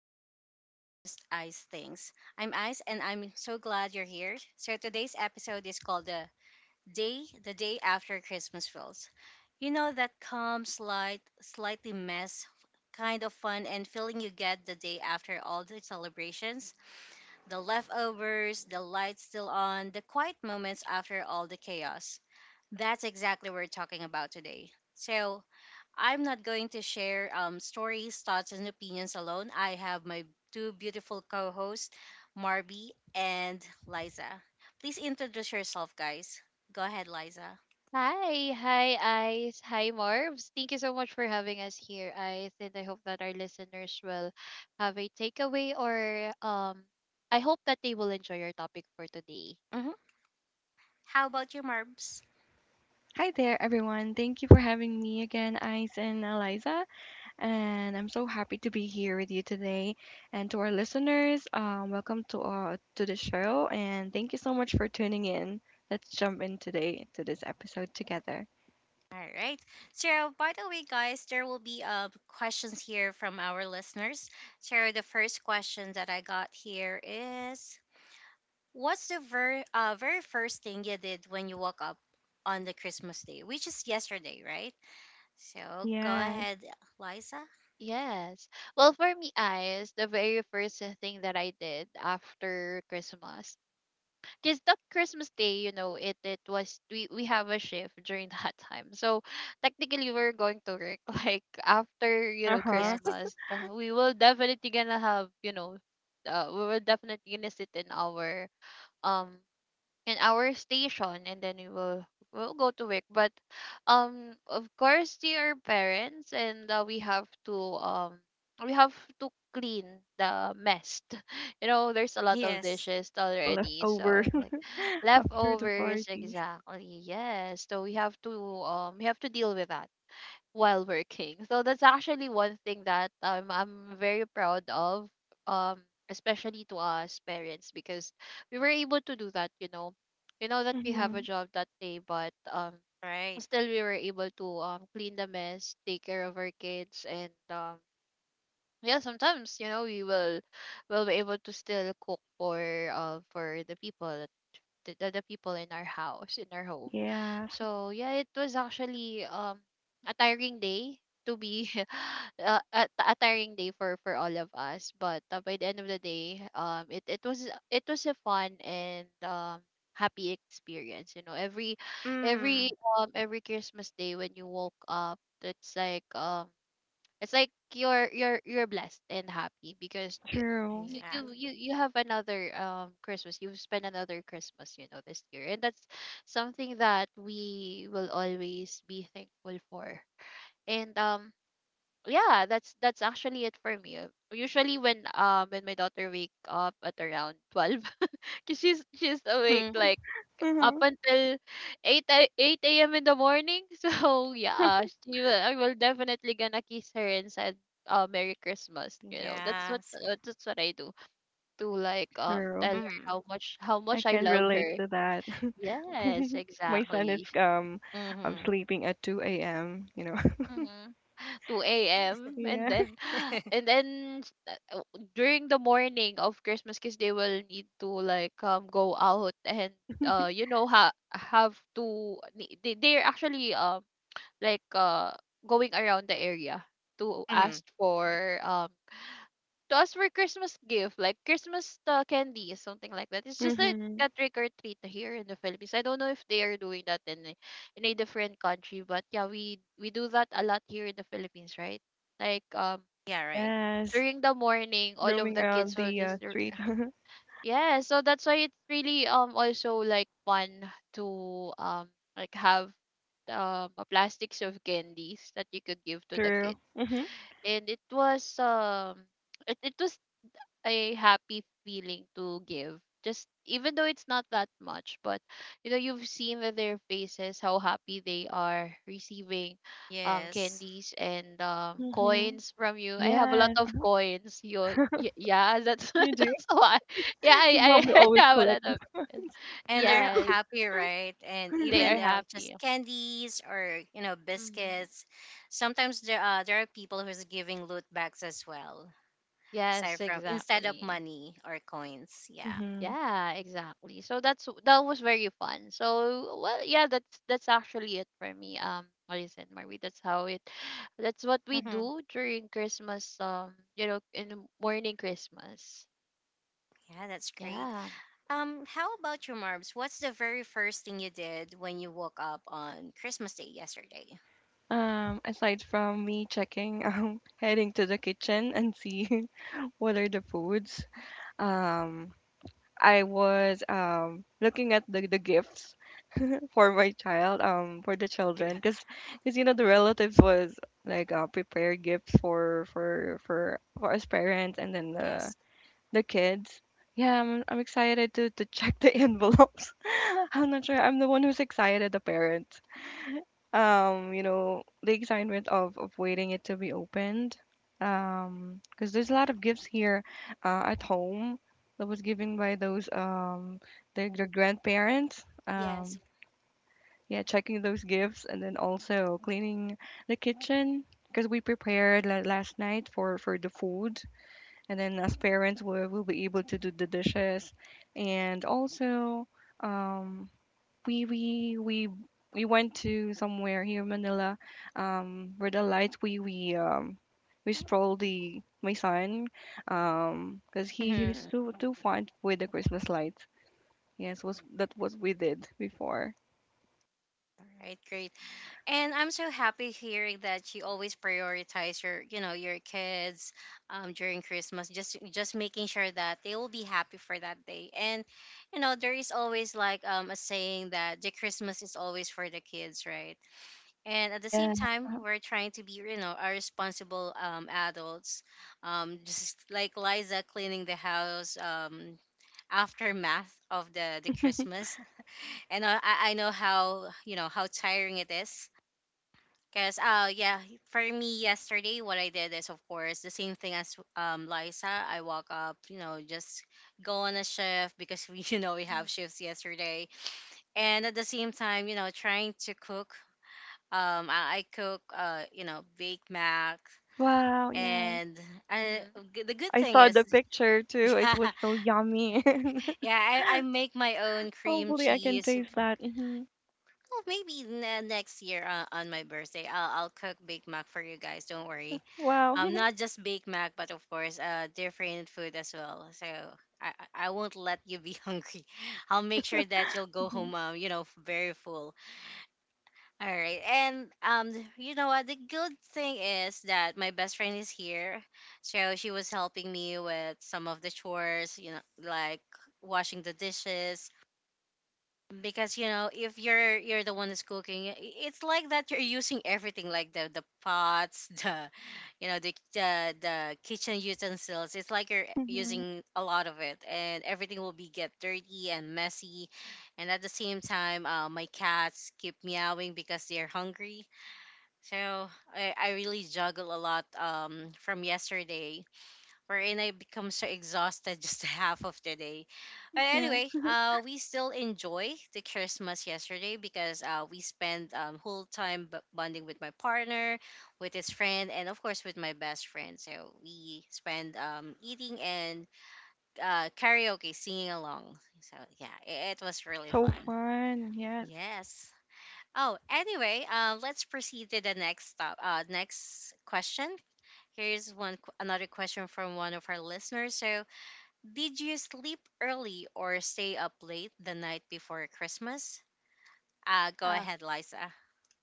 welcome back to Just Ice Things. I'm Ice and I'm so glad you're here. So today's episode is called the day after Christmas feels. You know that calm, slightly mess kind of fun and feeling you get the day after all the celebrations, the leftovers, the lights still on, the quiet moments after all the chaos. That's exactly what we're talking about today. So I'm not going to share stories, thoughts, and opinions alone. I have my two beautiful co hosts, Marby and Liza. Please introduce yourself, guys. Go ahead, Liza. Hi, hi, Ice. Hi, Marvs. Thank you so much for having us here, Ice. And I hope that our listeners will have a takeaway or I hope that they will enjoy your topic for today. Hmm How about you, Marbs? Hi there, everyone. Thank you for having me again, Ice and Eliza. And I'm so happy to be here with you today. And to our listeners, welcome to to the show. And thank you so much for tuning in. Let's jump in today to this episode together. All right. So, by the way, guys, there will be questions here from our listeners. So, the first question that I got here is, what's the very first thing you did when you woke up on the Christmas day, which is yesterday, right? So go Yes. ahead, Liza. Yes. Well, for me, Ice, the very first thing that I did after Christmas, because that Christmas day, you know, it was we have a shift during that time. So technically, we're going to work like after Uh huh. Yes. Christmas. We will definitely gonna have we will definitely gonna sit um in our station, and then we'll go to work. But of course they are parents, and um we have to clean the mess there's a lot of Yes. dishes The already, so leftover it's like after the leftovers, party. exactly, yes. So we have to deal with that while working. So that's actually one thing that I'm very proud of, um, especially to us parents, because we were able to do that. You know, we know that we have a Mm-hmm. job that day, but Right. still we were able to clean the mess, take care of our kids, and yeah, sometimes we will be able to still cook for the people, the people in our home. Yes. So yeah, it was actually a tiring day to be a tiring day for all of us. But by the end of the day, it was a fun and happy experience. you know every Mm-hmm. every um every Christmas day when you woke up, it's like, you're blessed and happy, because you True. you you Exactly. you you have another Christmas. You've spent another Christmas, this year, and that's something that we will always be thankful for. And yeah, that's actually it for me. Usually when my daughter wake up at around 12, cause she's awake Mhm. like up Mm-hmm. until 8 a.m. in the morning. So yeah, I will definitely gonna kiss her and said, Merry Christmas. That's what Yes. That's what I do to tell True. her Mm-hmm. How I much I can love relate her. to that. Yes, My son is exactly. I'm Mm-hmm. sleeping at 2 a.m., you know. Mm-hmm. 2 a.m., and Yeah. then and then s- uh, uh, during the morning of Christmas, because they will need to go out and you know ha have to ni- they're actually like uh going around the area to ask hmm for Christmas gift, like Christmas candy, something like that. It's just like hmm a trick or treat here in the Philippines. I don't know if they are doing that in a different country, but yeah, we do that a lot here in the Philippines, right? Like, Yeah, right. Yes. during the morning, all of Roaming the around kids will the just, street. yeah, so that's why it's really also like fun to um have a plastics of candies that you could give to the True. kids. Hmm And it was it was a happy feeling to give, just even though it's not that much, but you've seen that their faces, how happy they are receiving Yes. candies and hmm coins from you. I have a lot Yes. of coins. Yeah, that's You do. that's why, yeah, The i mom will i always have a lot collect. of coins. And they're Yes, happy, right? And they even are just happy. candies or you know Hmm. biscuits. Sometimes there there are people who's giving loot bags as well, aside Yes, from instead of exactly. money or coins. Yeah. hmm Yeah, exactly. So that was very fun. So well, yeah, that's actually it for me. Alice and Marie. That's how it. That's what we Mm-hmm. do during Christmas. In the morning Christmas. Yeah, that's great. Yeah. How about you, Marbs? What's the very first thing you did when you woke up on Christmas Day yesterday? Aside from me checking, heading to the kitchen and see what are the foods, um, I was looking at the gifts for my child, for the children, Yeah. because you know the relatives was like prepared gifts for us parents and then Yes. the kids. Yeah, I'm excited to check the envelopes. I'm not sure. I'm the one who's excited, the parents. You know, the excitement of waiting it to be opened. Because there's a lot of gifts here, at home that was given by those their grandparents. Yes. Yeah, checking those gifts and then also cleaning the kitchen because we prepared last night for the food, and then as parents we will be able to do the dishes, and also um we we we we went to somewhere here in Manila, where the lights we strolled the my son, because he's Mhm. Too fond with the Christmas lights. Yes, was that was we did before. All right, great. And I'm so happy hearing that you always prioritize your, you know, your kids during Christmas. Just making sure that they will be happy for that day. And, you know, there is always like a saying that the Christmas is always for the kids, right? And at the same Yeah. time we're trying to be you know our responsible adults, just like Liza cleaning the house, aftermath of the Christmas. And I know how you know how tiring it is because yeah, for me yesterday what I did is of course the same thing as Liza. I woke up you know just go on a shift because we you know we Mm-hmm. have shifts yesterday, and at the same time you know trying to cook. I cook, you know, Big Mac, Wow, yeah. and I, Mm-hmm. The good I thing saw is, the picture too. It yeah, was so yummy. yeah, I make my own cream Hopefully I can cheese. taste that. Hmm Well, maybe next year on my birthday, I'll cook Big Mac for you guys. Don't worry. Wow. Not just Big Mac, but of course, different food as well. So I I won't let you be hungry. I'll make sure that you'll go Mhm, home, you know, very full. All right. And you know what the good thing is that my best friend is here. So she was helping me with some of the chores, you know, like washing the dishes because you know, if you're the one who's cooking, it's like that you're using everything like the pots, the you know, the kitchen utensils. It's like you're mhm. using a lot of it and everything will be get dirty and messy, and at the same time my cats keep meowing because they're hungry. So I really juggle a lot from yesterday, wherein I become so exhausted just half of the day. But Yeah, anyway, we still enjoy the Christmas yesterday because we spent whole time bonding with my partner, with his friend, and of course with my best friend. So we spend eating and karaoke, singing along. So yeah, it was that's really so fun. fun. Yes. Yes. Oh, anyway, let's proceed to the next stop. Next question. Here's another question from one of our listeners. So, did you sleep early or stay up late the night before Christmas? Go Yeah. ahead, Liza.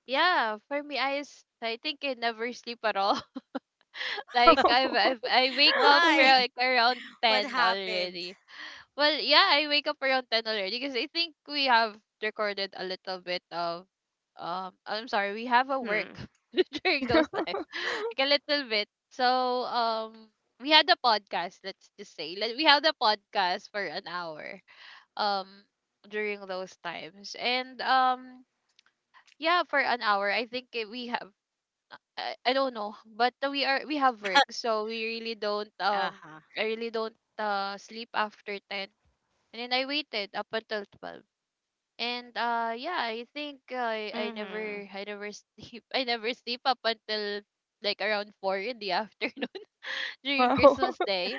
Yeah. For me, I think I never sleep at all. I wake up Uh-huh. Why? like around What 10 happened? already. Well, yeah, I wake up around 10 already, because I think we have recorded a little bit of I'm sorry, we have a work Hmm. during those time. Like a little bit. So, we had a podcast, let's just say. We had a podcast for an hour um during those times. And yeah, for an hour, I think, eh, we have I don't know, but we have work, so we really don't, Uh huh. I really don't, sleep after 10, and then I waited up until 12. And yeah, I think I I Mhm. never I never sleep, I never sleep up until like around 4 in the afternoon during Wow. Christmas Day.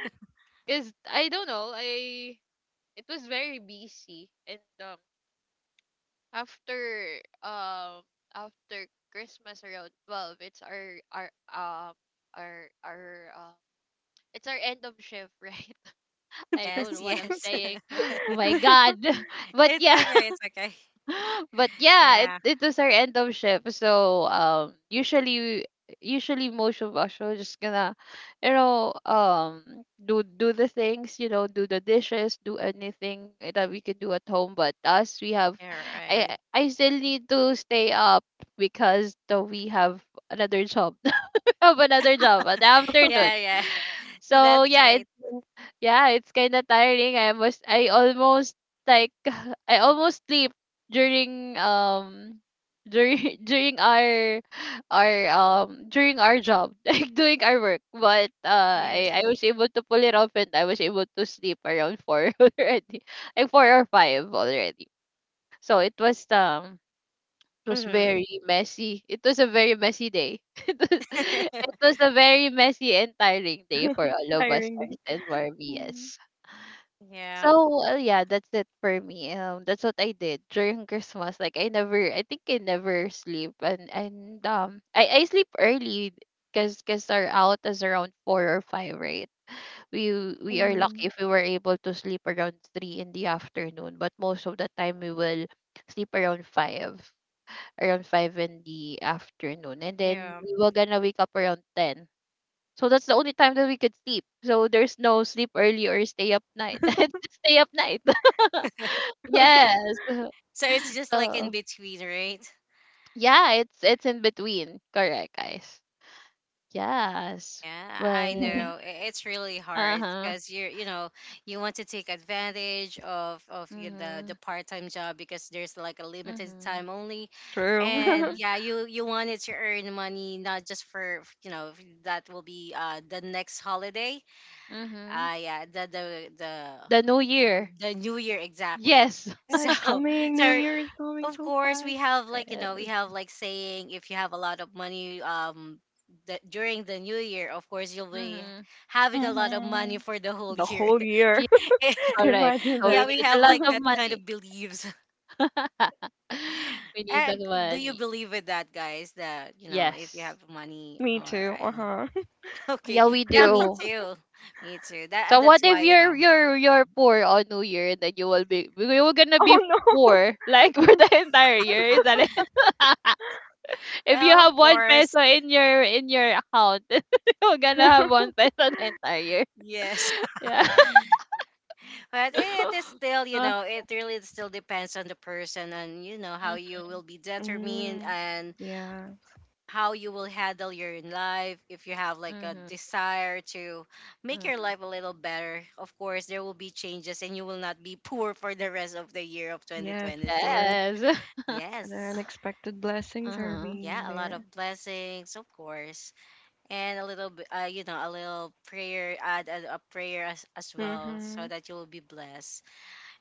Cause I don't know, I it was very busy, and after um after Christmas around 12, it's our it's our end of shift, right? I True. don't know Yes. what I'm Yes. saying. My God. But yeah, It's okay. It's okay. but yeah, it Yeah. it was our end of shift. So usually most of us are just gonna, do the things, do the dishes, do anything that we could do at home. But us, we have You're I right. I still need to stay up, because though we have another job. I have another job at the afternoon. Yeah. Yeah. So That's right. Yeah, it's kind of tiring. I almost, like I almost sleep during, during during our job doing our work, but Yes. I was able to pull it off, and I was able to sleep around 4 already, like 4 or 5 already. So it was Mhm. very messy. It was a very messy day. It was, it was a very messy and tiring day for all of us, Tiring day. and for me, Mhm, yes. Yeah. So yeah, that's it for me. That's what I did during Christmas. I never, I think I never sleep, and I sleep early, because cause 'cause our out is around 4 or 5, right? We are mhm, lucky if we were able to sleep around 3 in the afternoon, but most of the time we will sleep around five around 5 in the afternoon, and then Yeah. we were gonna wake up around 10. So that's the only time that we could sleep. So there's no sleep early or stay up night. It's just stay up night. Yes. So it's just like in So between, right? yeah, it's in between. Correct, guys. Yes. Yeah, I Well. know. It's really Uh hard huh. because you're, you know, you want to take advantage of the Mhm. part-time job because there's like a limited Mhm. time only, and True. Mhm. yeah, you wanted to earn money not just for you know that will be the next holiday, Mhm. Yeah the The new year. the New Year exactly. Yes. Yeah, So it's coming. so New Year is coming of so course, we fast. have like you know we Yes. have like saying if you have a lot of money the, during the new year, of course you'll be Mhm. having a lot of Hmm money for the whole The year. whole year. Yes. Correct. Imagine So we that. Yeah, we need a have lot like of that kind money. of beliefs. We need Uh, the do you money. believe in that, guys? That you know if you Yes. have money, Me all too. right, Uh-huh. okay, Yeah, we yeah, me do. too, me too. That So that's what if why you know. You're poor on New Year, and then you will be we were gonna Oh be no. poor, like, for the entire year, is that it? If you Well, of have one course, peso in your account, you're gonna have 1 peso the entire year. yes. Yeah. But it is still, you uh, know, it really still depends on the person and, you know, how mhm, you will be determined Mm, and yeah. how you will handle your life. If you have like a mhm, desire to make your mhm. life a little better, of course, there will be changes and you will not be poor for the rest of the year of Yes, of 2026. course. Yes. And the Yes. unexpected blessings are Uh-huh. being Yeah, a lot there. of blessings, of course, and you know, a little prayer, add a prayer as well, Mm-hmm. so that you will be blessed.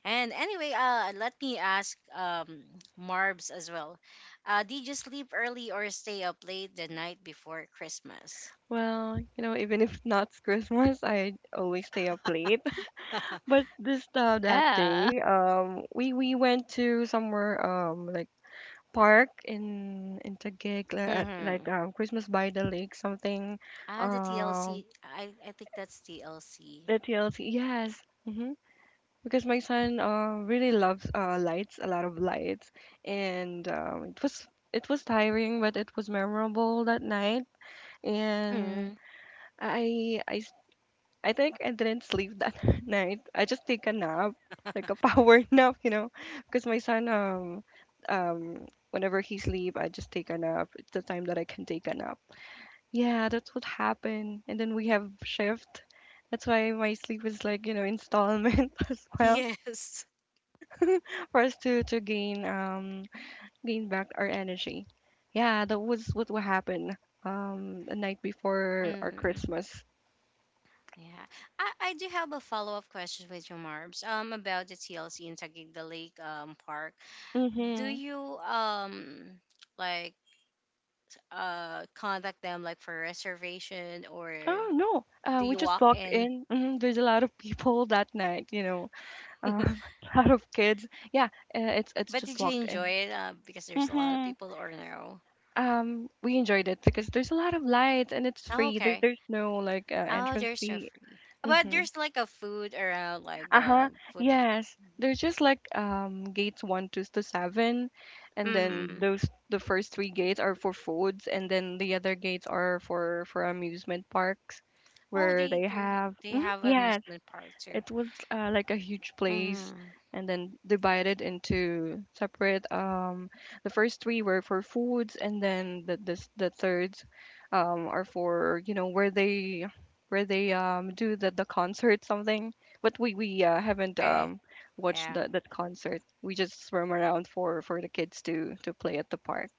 And anyway, let me ask Marbs as well. Did you sleep early or stay up late the night before Christmas? Well, you know, even if not Christmas, I always stay up late. But this time that Yeah. day, we went to somewhere like park in Taguig, like, at, Mm-hmm. like Christmas by the lake something, Ah, the um TLC. I think that's TLC. the TLC. Yes. Mm-hmm. Because my son really loves lights, a lot of lights, and it was tiring, but it was memorable that night. And Mm-hmm. I I s- I think I didn't sleep that night. I just take a nap, like a power nap, you know, because my son whenever he sleep, I just take a nap. It's the time that I can take a nap. Yeah, that's what happened. And then we have shift. That's why my sleep is like, you know, installment as well. Yes. For us to gain gain back our energy. Yeah, that was what will happen the night before our Mm-hmm. Christmas. Yeah. I do have a follow up question with you, Marbs, about the TLC in Taguig the Lake Park. Do Mm-hmm. you like contact them like for reservation or Oh no, do we you just walk walked in? in. Hmm There's a lot of people that night, you know, uh, a lot of kids. Yeah, it's But just did you walked enjoy in. it? Because there's a lot of Mm-hmm. people, or no? We enjoyed it because there's a lot of lights and it's Oh, free. Okay. There's no like Oh, entrance there's no fee. free. But Mm-hmm. there's like a food around, like Uh-huh. Food. Yes. They're just like gates one to seven, and then Hmm those the first three gates are for foods, and then the other gates are for amusement parks, Oh, where they they do. have They Mhm. have Yes, amusement park too. it was like a huge place, Hmm and then divided into separate the first three were for foods, and then the third are for you know where they do the concert something, but we haven't Okay. Watched Yeah. That concert. We just swim around for the kids to play at the park.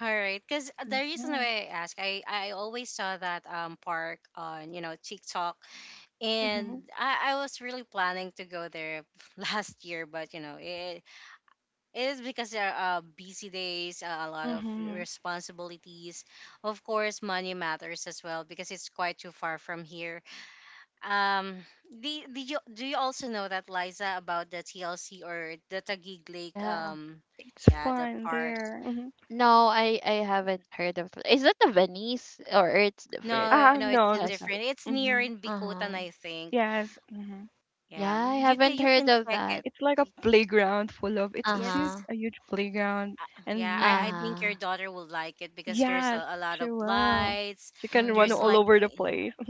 All right. Because the reason Hmm why I ask, I always saw that park on you know TikTok, hmm and I was really planning to go there last year, but you know it is because there are busy days, a lot of hmm responsibilities. Of course, money matters as well because it's quite too far from here. Um, did you do you also know that, Liza, about the TLC or the Taguig Lake? Yeah. It's Yeah, the fun park. there. Hmm No, I haven't heard of, is that the Venice, or it's different? No, no, it's a no, that's. different. Plaza. It's near Hmm in Bikutan, Uh-huh. I think. Yes. Mm-hmm. Yeah, Yeah, I mm, haven't you heard can of check that. it. It's like a Y- playground full of it's huge, Yes, Uh-huh. a huge playground, yeah, I and think your Uh-huh. daughter will like it because there's yes a lot she of will lights. she can run There's all like Mm-hmm. over the place.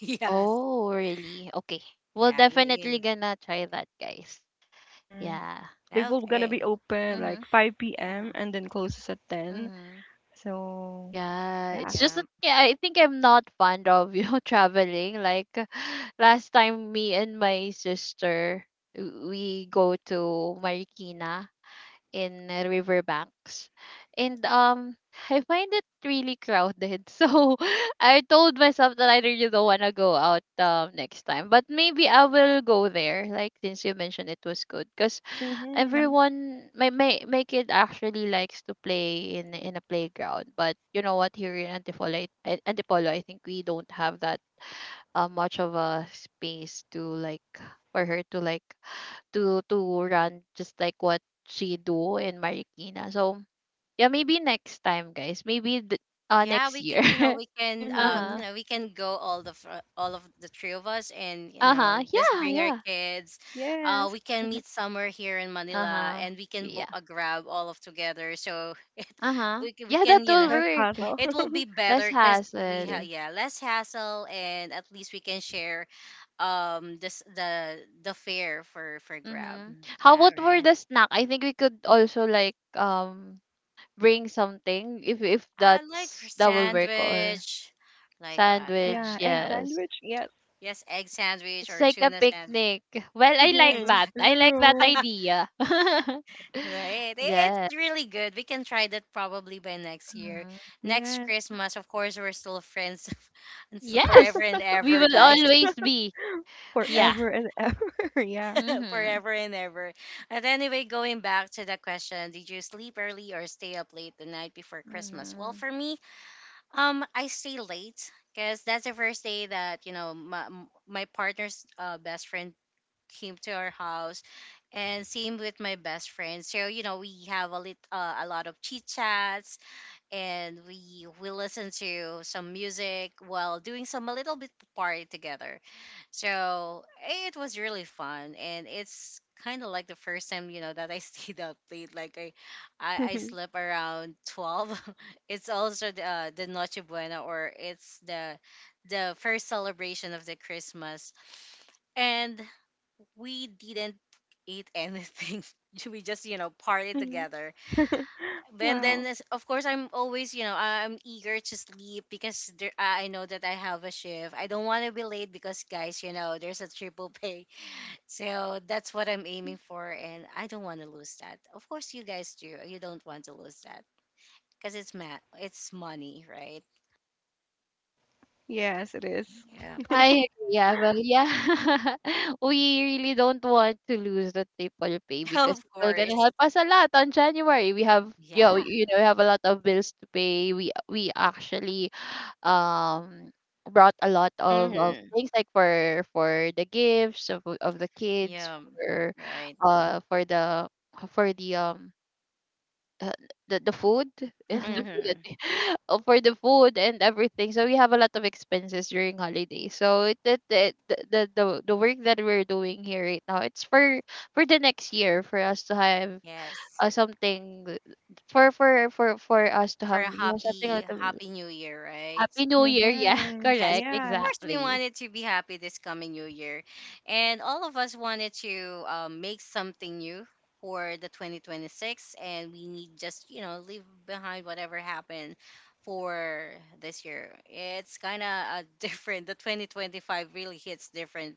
yes. Oh, really? Okay. We'll Yeah, definitely you, gonna try that, guys. hmm Yeah. They will gonna be okay. open Mm-hmm. like 5 p.m, Yeah. and then closes at 10. Mm-hmm. So Yeah, yeah. it's just Yeah. that, yeah, I think I'm not fond of, traveling. Like, last time, me and my sister we go to Marikina, in riverbanks, and I find it really crowded. So I told myself that I really don't want to go out next time, but maybe I will go there, since you mentioned it was good, because Yep. Mm-hmm. My kid actually likes to play in a playground. But you know what, here in Antipolo, I think we don't have that much of a space to, for her to, to run, just like what she do in Marikina. So yeah, maybe next time, guys. Maybe Yeah, next we can, year. you know, we can, Uh um, Mm-hmm. huh. you know, we can go all of the three of us, and you Uh know, huh. just Yeah. bring our Yeah. kids. Yes, We can meet somewhere here in Uh Manila, huh. and we can book Yeah. a grab all of together. So Uh huh. We Yeah, that can, you know, will that's work. hustle. it will be Less better because we have hassle. yeah less hassle, and at least we can share this the fare for grab. Mm-hmm. Mm, How yeah, about for right. the snack? I think we could also bring something, if I like for that will work, or sandwich, like that. Yeah, sandwich. Yeah, egg yeah. Yes. sandwich. Yes. Yes, egg sandwich It's or like a tuna sandwich. picnic. Well, I like Mm-hmm. that. I Exactly. like that True. idea. Right. It's Yeah. really good. We can try that probably by next year. Mhm. Next Yes. Christmas, of course, we're still friends and so forever Yes, and we ever, will True. guys. always be. Yeah. Forever and ever, yeah. Mm-hmm. Forever and ever. But anyway, going back to the question, did you sleep early or stay up late the night before Christmas? Well, Mm-hmm. for me, um, I stay late because that's the first day that you know my partner's best friend came to our house, and same with my best friend. So you know we have a lot of chit chats, and we listen to some music while doing some a little bit party together. So it was really fun, and it's kind of like the first time you know that I stayed up late. Like I slept around 12. It's also the Noche Buena, or it's the first celebration of the Christmas, and we didn't eat anything. We just party Mhm. together and then Wow. Of course I'm always I'm eager to sleep because I know that I have a shift. I don't want to be late because guys, you know, there's a triple pay. So that's what I'm aiming for, and I don't want to lose that. Of course, you guys, do you don't want to lose that because it's money, right? Yes, it is. Yeah. Yeah, I agree. Yeah, well, yeah, we really don't want to lose the triple pay, because Of it will gonna course. help us a lot on January. We have, Yeah. We have a lot of bills to pay. We actually um brought a lot of Mm-hmm. things like for the gifts of the kids Yeah. Right. For the for uh, the food. The Mhm. food Mm-hmm. For the food and everything. So we have a lot of expenses during holidays. So it the work that we're doing here right now, it's for the next year, for us to have Yes. Something for us to For have, a you know, something happy like that. happy new year, right? Happy New Year. Yeah, Mm-hmm. Yes. correct. Of Yes. course, we Exactly. wanted to be happy this coming new year. And all of us wanted to make something new for the 2026. And we need just, you know, leave behind whatever happened for this year. It's kind of different. The 2025 really hits different,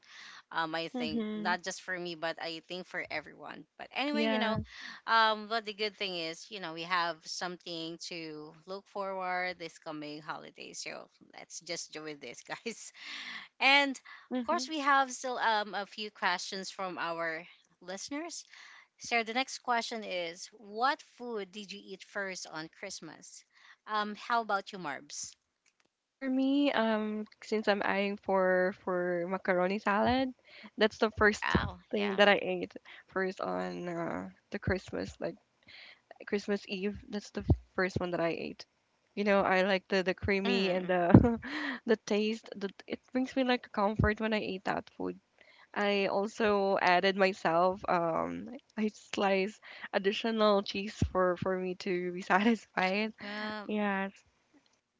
I think, Mm-hmm. not just for me, but I think for everyone. But anyway, you know, Yes. But the good thing is, you know, we have something to look forward this coming holiday. So let's just do with this, guys. And of course, Mm-hmm. we have still a few questions from our listeners. So the next question is, what food did you eat first on Christmas? How about you, Marbs? For me, since I'm eyeing for macaroni salad, that's the first Oh, thing yeah. that I ate first on the Christmas, like Christmas Eve. That's the first one that I ate. You know, I like the creamy and Mm, the the taste. The, it brings me like comfort when I eat that food. I also added myself. I slice additional cheese for me to be satisfied. yeah, Yes,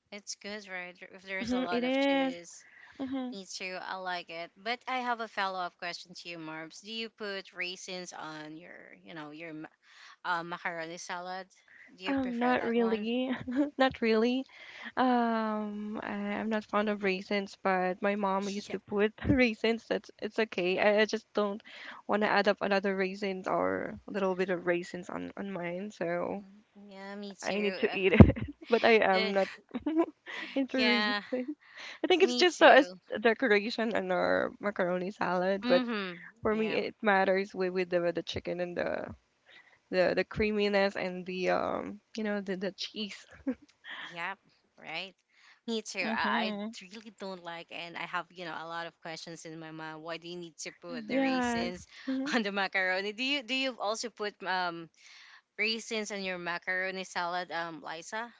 it's good, right? If there's a mm-hmm, lot it of is. cheese. Mm-hmm. Me too. I like it. But I have a follow-up question to you, Marbs. Do you put raisins on your, you know, your macaroni salad? Do you prefer Not that one? really, not really. Um, I, I'm not fond of raisins, but my mom used Yeah. to put raisins. That's it's okay. I just don't want to add up another raisins or a little bit of raisins on mine. So Mm, yeah, me I need too. to eat it, but I am Eh, not into raisins. yeah, I think it's me just a, as too. a decoration in our macaroni salad, but Mm-hmm. for me Yeah. it matters with, the chicken and the creaminess and the you know the cheese. Yep. Right. Me too. I Mhm. really don't like, and I have, you know, a lot of questions in my mind. Why do you need to put the Mm-hmm. Yes. raisins Mhm. on the macaroni? Do you also put raisins and your macaroni salad, Liza?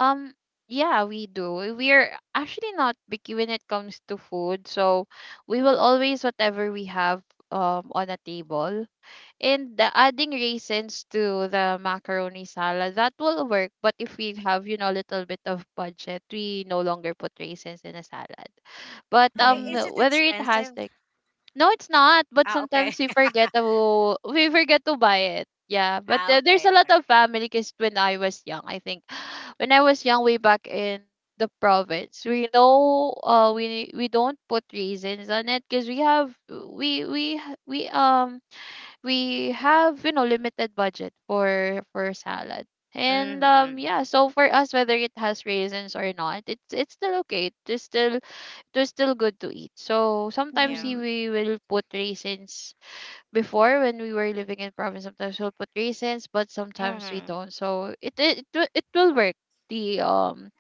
Um, yeah, we do. We're actually not picky when it comes to food, so we will always whatever we have on a table. And the adding raisins to the macaroni salad, that will work. But if we have, you know, a little bit of budget, we no longer put raisins in a salad. But Oh, is Mhm. it whether it has expensive? like... No, it's not. But Ah, okay. sometimes we forget to buy it. Yeah, but Ah, there's okay. a All lot right. of family because when I was young, I think when I was young, way back in the province, we know we don't put raisins on it because we have we h- we have, you know, limited budget for salad. And Mm-hmm. yeah, so for us whether it has raisins or not, it's still okay. It's still they're still good to eat. So sometimes Yeah. Mhm. we will put raisins before when we were living in province. Sometimes we'll put raisins, but sometimes we Mm-hmm. don't. So it will work the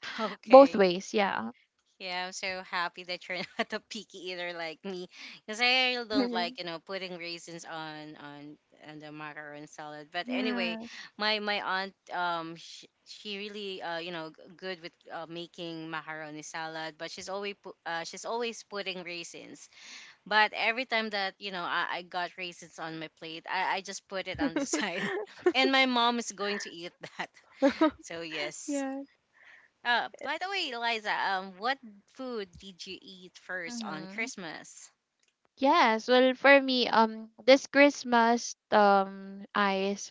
both Okay. ways. Yeah. Yeah, I'm so happy that you're not a picky eater like me, because I really don't like, Mhm. you know, putting raisins on the macaron salad. But anyway, Yes. my aunt, um, she really, uh, you know, good with, making macaroni salad, but she's always she's always putting raisins. But every time that, you know, I got raisins on my plate, I just put it on the side, and my mom is going to eat that. So yes. Yes. By the way, Eliza, what food did you eat first on Mm-hmm. Christmas? Yes. Well, for me, this Christmas,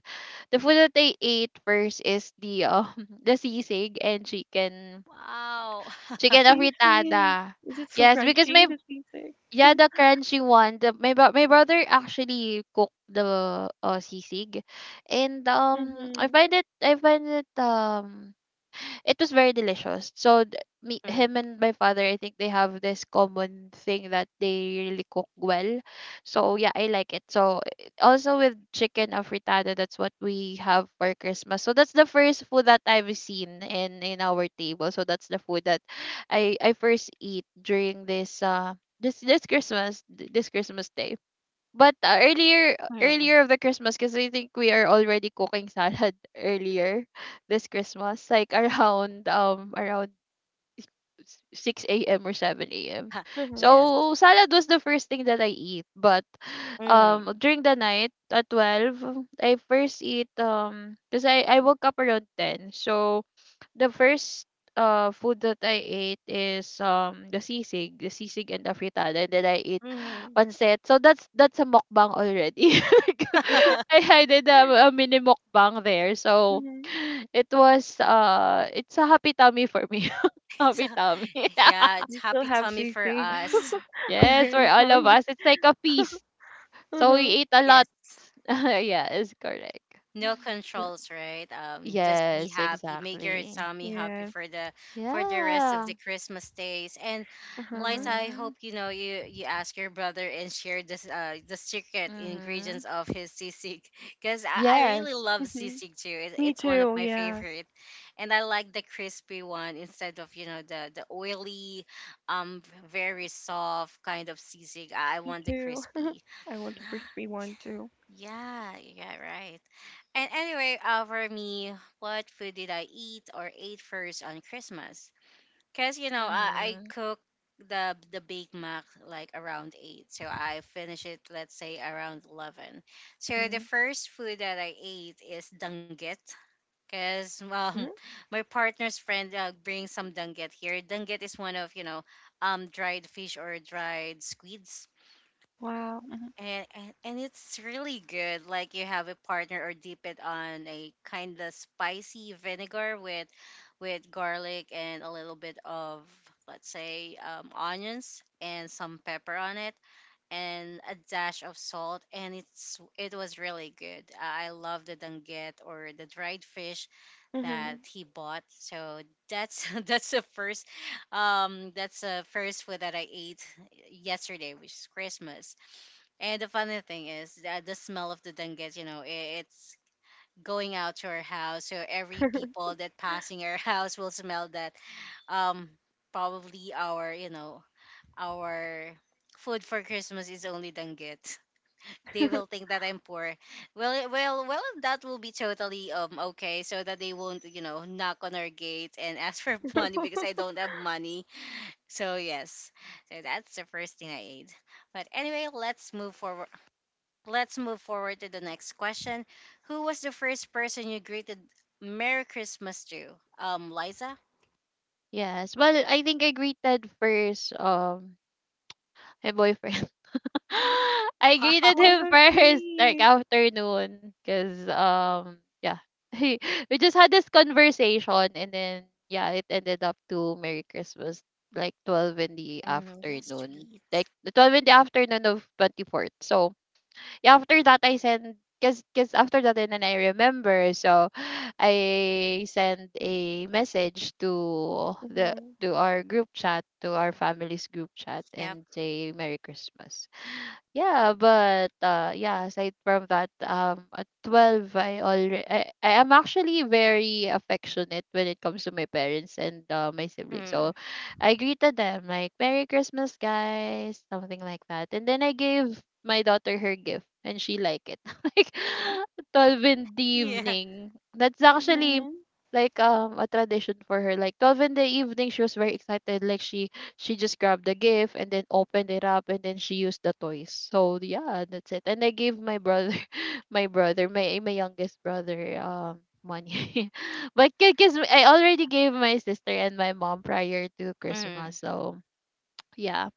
the food that they ate first is the the sisig and Wow. chicken Sisig. afritada. Is it so Yes, because crunchy? my... The sisig. Yeah, the crunchy one. My my brother actually cooked the sisig, and Mhm. I find it it was very delicious. Me, Mm, him and my father, I think they have this common thing that they really cook well. So yeah, I like it. Also with chicken afritada, that's what we have for Christmas. So that's the first food that I've seen in our table. So that's the food that I first eat during this Christmas, this Christmas day. But earlier mm, earlier of the Christmas because I think we are already cooking salad earlier this Christmas, like around around 6 a.m. or 7 a.m. Mhm. yes. So salad was the first thing that I eat, but Mm, during the night at 12, I first eat because I woke up around 10. So the first food that I ate is the sisig and the fritada, and then I ate mm. pancit. So that's a mukbang already. Like, I did a mini mukbang there. So Mhm. it was it's a happy tummy for me. It's Happy a, tummy. yeah, it's You still happy have tummy for sisig. us. I'm Yes, for getting all of hungry. us. It's like a feast. So we Mhm. ate a lot. Yes. Yeah, it's correct. No Yeah. controls, right? Um, just be Yes, happy, make your exactly. tummy happy Yes. For the rest of Yeah. the Christmas days. And Uh huh. Liza, I Mm-hmm. hope, you know, you ask your brother and share this, uh, the secret Mhm. ingredients of his sisig because I really Yes. love Mhm. sisig too. it, Me it's one of too. my Yeah. favorite, and I like the crispy one instead of, you know, the oily, um, very soft kind of sisig. I Me want the too. crispy. I want a crispy one too. Yeah, yeah, right. And anyway, for me, what food did I eat or ate first on Christmas? Cause, you know, I Mhm. cook the Big Mac like around eight, so I finish it let's say around 11. So the Mhm. first food that I ate is danggit. Cause Mhm. my partner's friend, brings some danggit here. Danggit is one of, you know, um, dried fish or dried squids, Wow. and it's really good. Like you have a partner or dip it on a kind of spicy vinegar with garlic and a little bit of, let's say, onions and some pepper on it and a dash of salt, and it's it was really good. I love the danget or the dried fish that Mhm. he bought. So that's that's the first food that I ate yesterday, which is Christmas. And the funny thing is that the smell of the danggit, you know, it's going out to our house. So every people that passing our house will smell that. Um, probably our, you know, our food for Christmas is only danggit. They will think that I'm poor. Well, well, that will be totally okay, so that they won't, you know, knock on our gate and ask for money because I don't have money. So yes, so that's the first thing I ate. But anyway, let's move forward. Let's move forward to the next question. Who was the first person you greeted Merry Christmas to? Liza? Yes. Well, I think I greeted first my boyfriend. I greeted Oh, Wow. him so first like sweet. afternoon, cuz yeah. He, we just had this conversation and then yeah, it ended up to Merry Christmas like 12 in the Mm, that's afternoon. Like sweet. the 12 in the afternoon of 24th. So yeah, after that I send because after that and then I remember, so I send a message to the Mhm. to our group chat, to our family's group chat Yep. and say Merry Christmas. Yeah, but yeah, aside from that, at 12 I already I am actually very affectionate when it comes to my parents and my siblings. Mm, So I greeted them like Merry Christmas guys, something like that. And then I gave my daughter her gift and she liked it. Like 12 in the yeah. evening. That's actually Mhm. like a tradition for her. Like 12 in the evening she was very excited, like she just grabbed the gift and then opened it up and then she used the toys. So yeah, that's it. And I gave my brother, my youngest brother, money. But because I already gave my sister and my mom prior to Mm. Christmas, so yeah.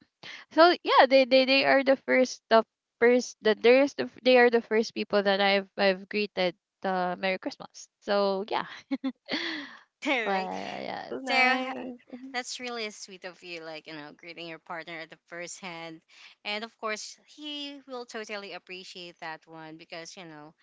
So yeah, they are the first that there's the f- they are the first people that I've greeted Merry Christmas. So yeah. Right. Well yeah. So So it's- nice. Mhm. that's really sweet of you, like, you know, greeting your partner at the first hand. And of course, he will totally appreciate that one because, you know,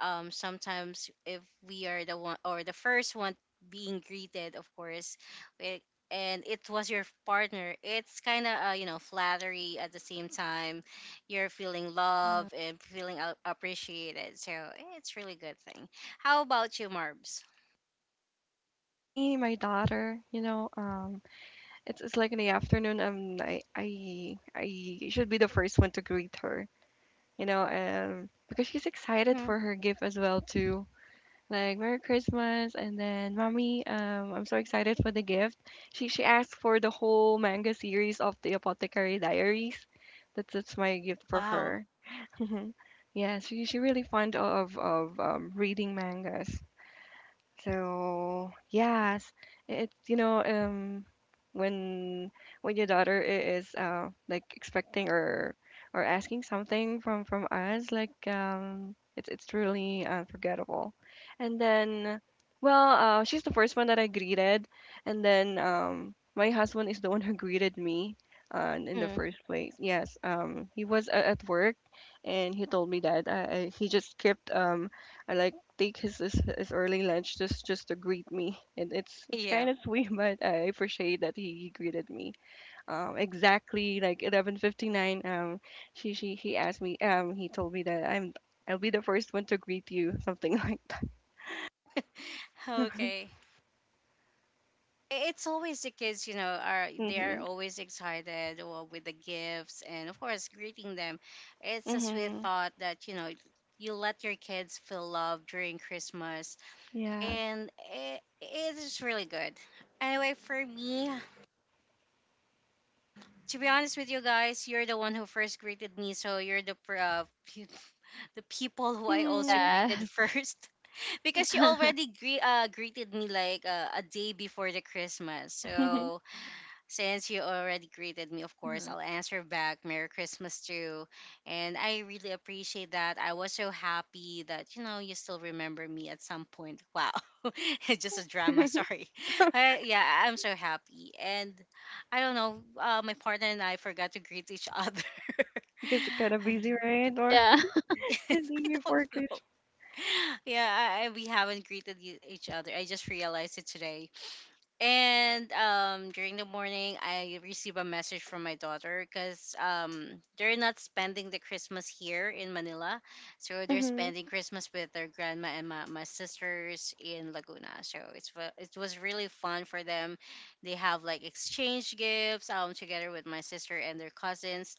sometimes if we are the one or the first one being greeted, of course, it, and it was your partner, it's kind of, you know, flattery at the same time. You're feeling mm, love and feeling appreciated. So eh, it's really good thing. How about you, Marbs? Me, my daughter. You know, it's like in the afternoon. I should be the first one to greet her. You know, because she's excited Mhm. for her gift as well too. Like Merry Christmas, and then Mommy, I'm so excited for the gift. She asked for the whole manga series of the Apothecary Diaries. That's my gift for Wow. her. Yeah, she really fond of reading mangas. So yes, it's you know when your daughter is like expecting or asking something from us like it's really unforgettable. And then well she's the first one that I greeted, and then my husband is the one who greeted me in the Mm. first place. Yes, he was at work, and he told me that he just kept I like take his early lunch just to greet me, and it's Yeah. kind of sweet, but I appreciate that he greeted me. Exactly like 11:59. She he asked me. He told me that I'll be the first one to greet you, something like that. Okay. It's always the kids, you know, are they are Mm-hmm. always excited, with the gifts, and of course greeting them. It's a sweet Mm-hmm. thought that, you know, you let your kids feel love during Christmas, Yes. and it is really good. Anyway, for me, to be honest with you guys, you're the one who first greeted me, so you're the the people who I also Mm. greeted yes. first because you already greeted me like, a day before the Christmas. So since you already greeted me, of course, Hmm. I'll answer back Merry Christmas too. And I really appreciate that. I was so happy that, you know, you still remember me at some point. Wow. It's just a drama, sorry. Yeah, I'm so happy. And I don't know, my partner and I forgot to greet each other. Because it's kind of I, busy, right? Or Yeah. yes, the day I don't before know. Christmas. Yeah, we haven't greeted each other. I just realized it today. And during the morning, I receive a message from my daughter because they're not spending the Christmas here in Manila. So they're Mm-hmm. spending Christmas with their grandma and my sisters in Laguna. So it's it was really fun for them. They have like exchange gifts together with my sister and their cousins.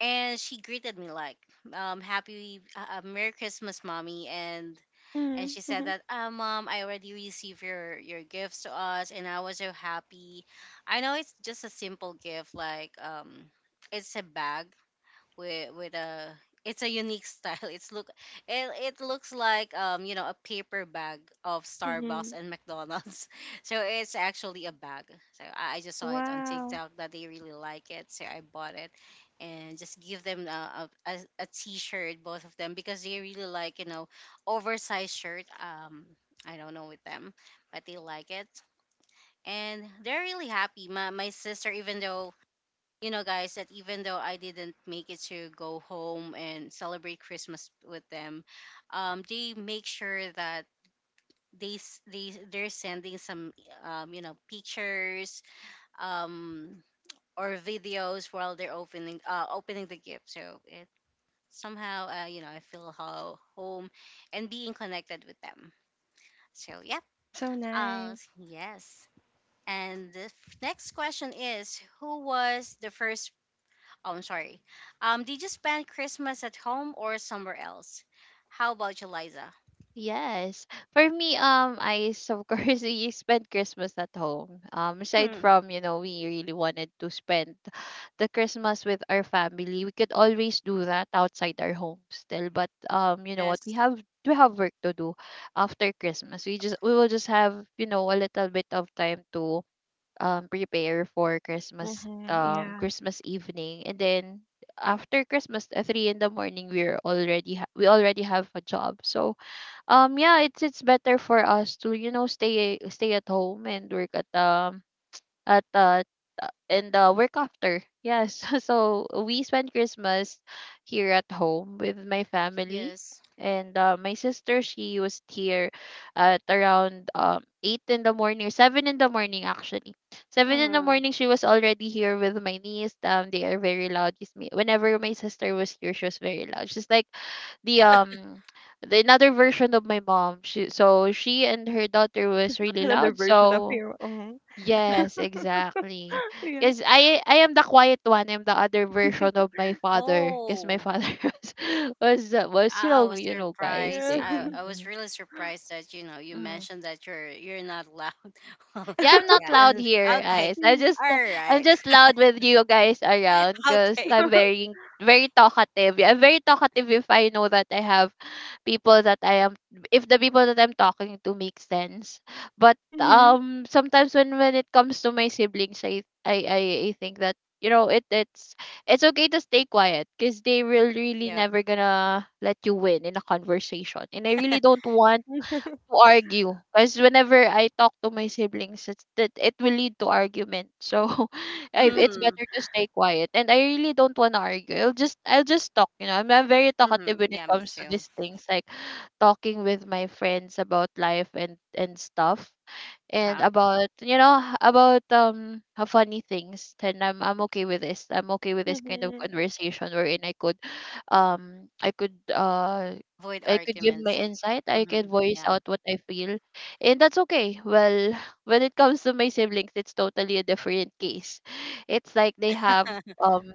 And she greeted me like, happy, Merry Christmas, Mommy. And Mm-hmm. she said Mm-hmm. that, ah, mom, I already received your gifts to us, and I was so happy. I know it's just a simple gift, like um, it's a bag with a, it's a unique style. It's look it, it looks like, um, you know, a paper bag of Starbucks Mm-hmm. and McDonald's. So it's actually a bag. So I just saw it on Wow. TikTok that they really like it. So I bought it and just give them a t-shirt both of them because they really like, you know, oversized shirt, um, I don't know with them, but they like it, and they're really happy. My sister, even though, you know, guys, that even though I didn't make it to go home and celebrate Christmas with them, they make sure that they they're sending some you know, pictures um, or videos while they're opening opening the gift. So it somehow, you know, I feel how home and being connected with them. So yep, That's so nice. yes. And next question is, who was the first. Oh, I'm sorry. Did you spend Christmas at home or somewhere else? How about you, Liza? Yes. For me, of course we spent Christmas at home. Aside Hmm. from, you know, we really wanted to spend the Christmas with our family. We could always do that outside our home still, but you know what, Yes. We have work to do after Christmas. We just we will just have, you know, a little bit of time to prepare for Christmas, Mm-hmm. Yeah. Christmas evening, and then after Christmas at three in the morning we're already we already have a job. So yeah, it's better for us to, you know, stay stay at home and work at and work after. Yes, so we spent Christmas here at home with my family, Yes. and my sister she was here at around eight in the morning or seven in the morning actually. Seven in the Mhm. morning she was already here with my niece. They are very loud. Just me. Whenever my sister was here, she was very loud. She's like the um the another version of my mom. She, so she and her daughter was really Another loud. version of So... you. Mhm. Yes, exactly. Yeah. Because I am the quiet one. I'm the other version of my father. Because my Oh, father was you I know, was you know guys surprised. Yeah. I, they, I was yeah. really surprised that, you know, you Mm-hmm. mentioned that you're not loud. Yeah, I'm not loud Yeah. here, Okay. guys. I Mhm. just All I'm right. just loud with you guys around because Okay. I'm very very talkative. Yeah, I'm very talkative if I know that I have people that I am if the people that I'm talking to make sense. But Mhm. Sometimes when it comes to my siblings, I think that, you know, it's okay to stay quiet because they will really Yep. never gonna let you win in a conversation, and I really don't want to argue, because whenever I talk to my siblings, it will lead to argument. So it's Mhm. better to stay quiet. And I really don't want to argue. I'll just talk. You know, I'm very talkative Mhm. when it Yeah. Me comes to too. these things, like talking with my friends about life and stuff, and Huh. about, you know, about funny things. Then I'm I'm okay with this, I'm okay with this kind of Mhm. conversation wherein I could um i could uh Avoid I could give my arguments. insight. I could Mhm. voice Yeah. out what I feel, and that's okay. Well, when it comes to my siblings, it's totally a different case. It's like they have um,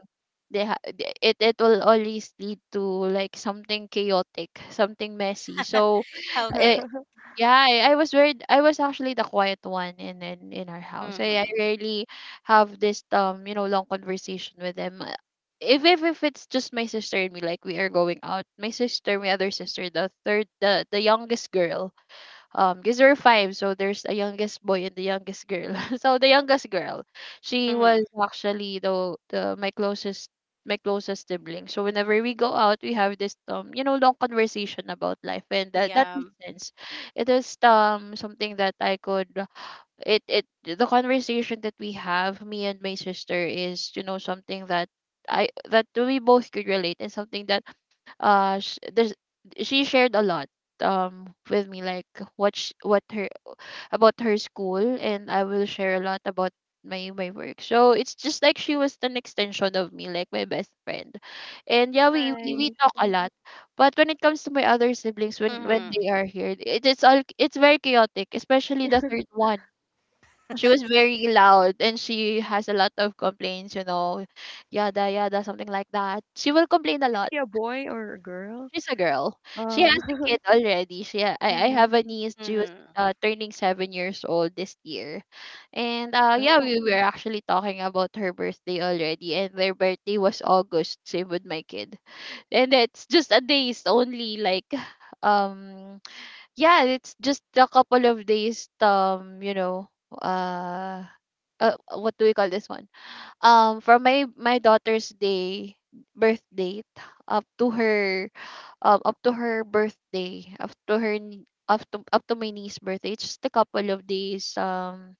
it it will always lead to like something chaotic, something messy. So, eh, Okay. yeah, I was very... I was actually the quiet one in our house. I Mhm. rarely have this you know, long conversation with them. If if it's just my sister and me, like we are going out, my sister, my other sister, the third, the youngest girl, because there are five, so there's a youngest boy and the youngest girl, so the youngest girl she was Mhm. actually the my closest sibling. So whenever we go out we have this you know, long conversation about life and that, that Yeah. makes sense. It is something that I could it it the conversation that we have, me and my sister, is, you know, something that I that we both could relate, and something that sh- there's she shared a lot with me, like what her, about her school, and I will share a lot about my work. So it's just like she was an extension of me, like my best friend. And yeah, we Nice. talk a Mhm. lot. But when it comes to my other siblings, when Mhm. they are here it is all, it's very chaotic, especially the third one. She was very loud and she has a lot of complaints, you know, yada yada, something like that. She will complain a Is lot. he a boy or a girl? She's a girl. She has Uh, a kid already. I mhm. have a niece. She was Mm-hmm. Turning 7 years old this year. And yeah, Oh, we were mm. actually talking about her birthday already, and their birthday was August, same with my kid. And it's just a days only like um yeah, it's just a couple of days uh, what do we call this one? From my daughter's day, birth date, up to her up to her birthday, up to her, up to, up to my niece's birthday. It's just a couple of days, um,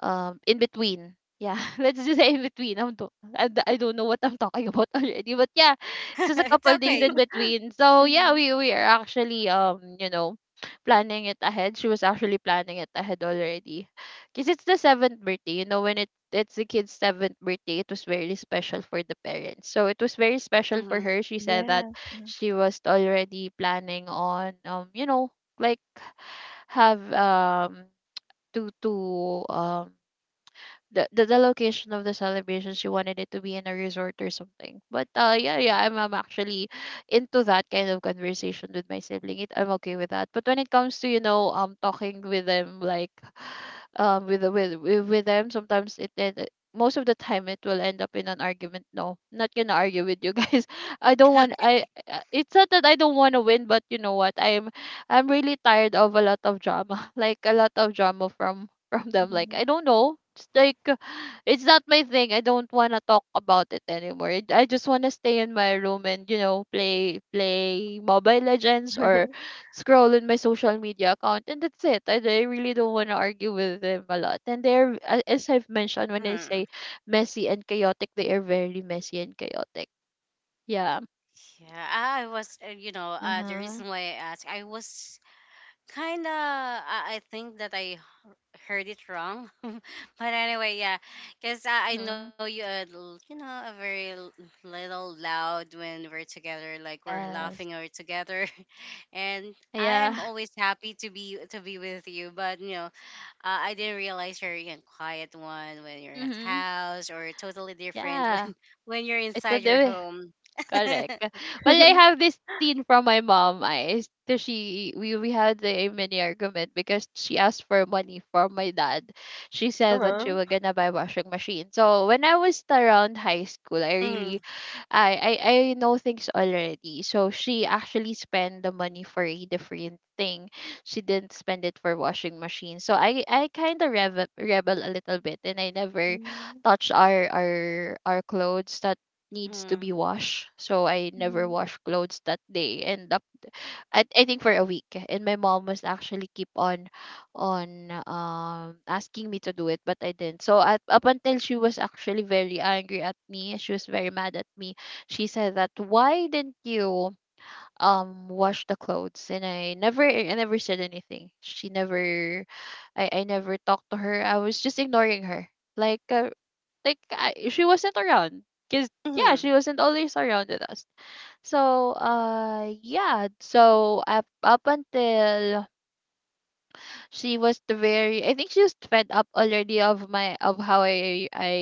um in between, yeah. Let's just say in between I don't know what I'm talking about already, but yeah, it's just a It's couple days in okay. between. So yeah, Mhm. we are actually planning it ahead. She was actually planning it ahead already, because it's the seventh birthday. You know, when it it's the kid's seventh birthday, it was very special for the parents, so it was very special for Mm-hmm. her. She said that Yes. Mhm. she was already planning on, like have to the, the location of the celebration. She wanted it to be in a resort or something, but yeah, yeah, Okay. I'm actually into that kind of conversation with my sibling. It I'm okay with that, but when it comes to, you know, talking with them, like with them, sometimes most of the time it will end up in an argument. No, not gonna argue with you guys. I don't want, I it's not that I don't want to win, but you know what, I'm really tired of a lot of drama. Like a lot of drama from them. Like I Mhm. don't know. It's like it's not my thing. I don't want to talk about it anymore. I just want to stay in my room and, you know, play Mobile Legends or scroll in my social media account, and that's it. I really don't want to argue with them a lot. And as I've mentioned, when I Mm. say messy and chaotic, they are very messy and chaotic. Yeah. Yeah, I was, you know, Uh the huh. reason why I asked, I was kind of, I think that I heard it wrong. But anyway, yeah, because I know Mhm. you are, you know, a very little loud when we're together, like we're Yes. laughing or together, and I Yeah. am always happy to be with you. But you know, I didn't realize you're a quiet one when you're at Mhm. house, or totally different Yeah. when when you're It's a inside your do home. Correct. Well, I have this scene from my mom. I so she We had a mini argument because she asked for money from my dad. She said that she Uh-huh. was gonna buy washing machine. So when I was around high school, I really, Mhm, I know things already. So she actually spent the money for a different thing. She didn't spend it for washing machine. So I rebel a little bit, and I never Mhm. touch our our clothes. Not Needs to be mhm, washed. So I never Mhm. washed clothes that day and up, I think, for a week. And my mom was actually keep on asking me to do it, but I didn't. So up until she was actually very angry at me, she was very mad at me. She said that why didn't you wash the clothes? And I never said anything. She never I never talked to her. I was just ignoring her. Like uh, I, she wasn't around, because mhm. yeah, she wasn't always around with us. So yeah, so up until she was very, I think she was fed up already of my, of how I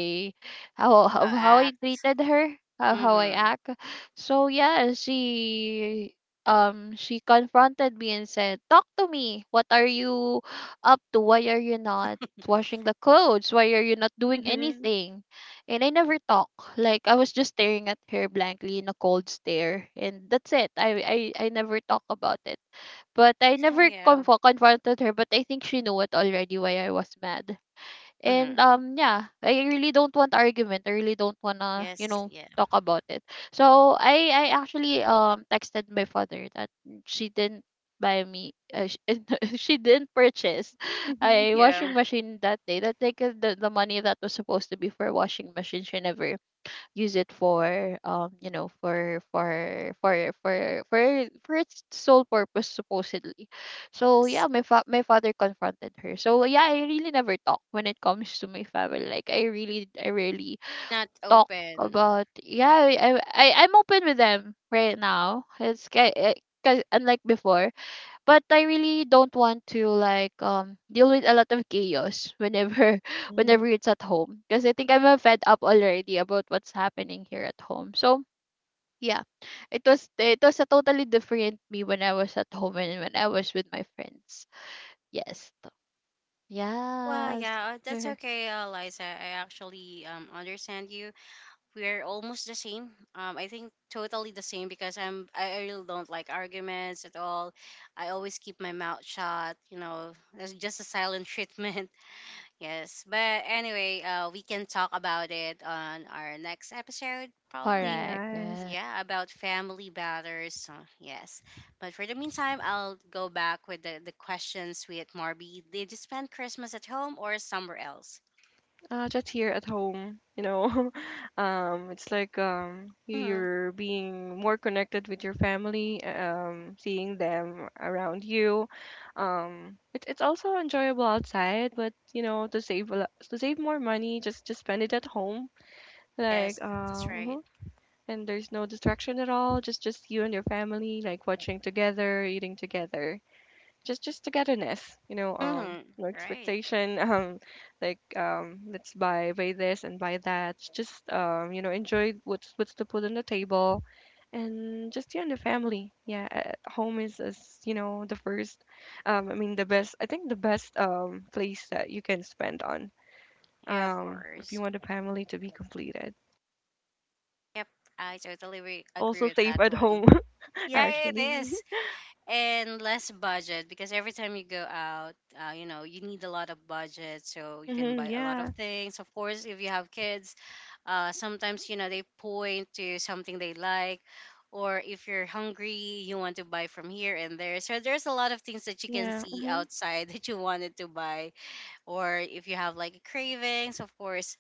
how of how I Act. treated her, how I Mhm. act. So yeah, she, she confronted me and said, "Talk to me. What are you up to? Why are you not washing the clothes? Why are you not doing Mhm. anything?" And I never talk. Like I was just staring at her blankly in a cold stare, and that's it. I never talk about it, but I never Yeah. confo confronted her, but I think she knew it already why I was mad. And Mhm. Yeah, I really don't want argument. I really don't wanna, you Yes. know, Yeah. talk about it. So I actually texted my father that she didn't buy me, she didn't purchase Mhm. a Yeah. washing machine that day. That, the money that was supposed to be for a washing machine, she never use it for, for its sole purpose supposedly. So yeah, my father confronted her. So yeah, I really never talk when it comes to my family. Like I really, I rarely Not talk open. about, I, I'm open with them right now. It's because unlike before, but I really don't want to like, deal with a lot of chaos whenever Mm. whenever it's at home, because I think I'm, fed up already about what's happening here at home. So yeah, it was a totally different me when I was at home and when I was with my friends. Yes, t- Well, yes, yeah, that's okay, Liza. I actually understand you. We're almost the same. I think totally the same because I really don't like arguments at all. I always keep my mouth shut. You know, that's just a silent treatment. Yes, but anyway, we can talk about it on our next episode probably. correct. Yes. Yes, Yeah, about family matters. So, yes. But for the meantime, I'll go back with the questions with at Marby. Did you spend Christmas at home or somewhere else? Just here at home, you know. It's like Hmm. you're being more connected with your family, seeing them around you. It's also enjoyable outside, but you know, to save a lot, to save more money, just spend it at home. Like, Yes, that's right. mhm. And there's no distraction at all. Just you and your family, like watching together, eating together, just togetherness, you know, Hmm. no Right. expectation, like let's buy this and buy that, just you know enjoy what's to put on the table, and just you and the family. Yeah, home is you know the first I mean the best, I think the best place that you can spend on Yeah, of if course. you want the family to be completed. Yep. I totally It's agree also with safe that at one. home. Yeah, it Actually. is. And less budget because every time you go out, you need a lot of budget so you can Mm-hmm, buy a lot of yeah. things. Of course, if you have kids, sometimes, they point to something they like, or if you're hungry, you want to buy from here and there. So there's a lot of things that you can Yeah, see mm-hmm, outside that you wanted to buy, or if you have like cravings, of course,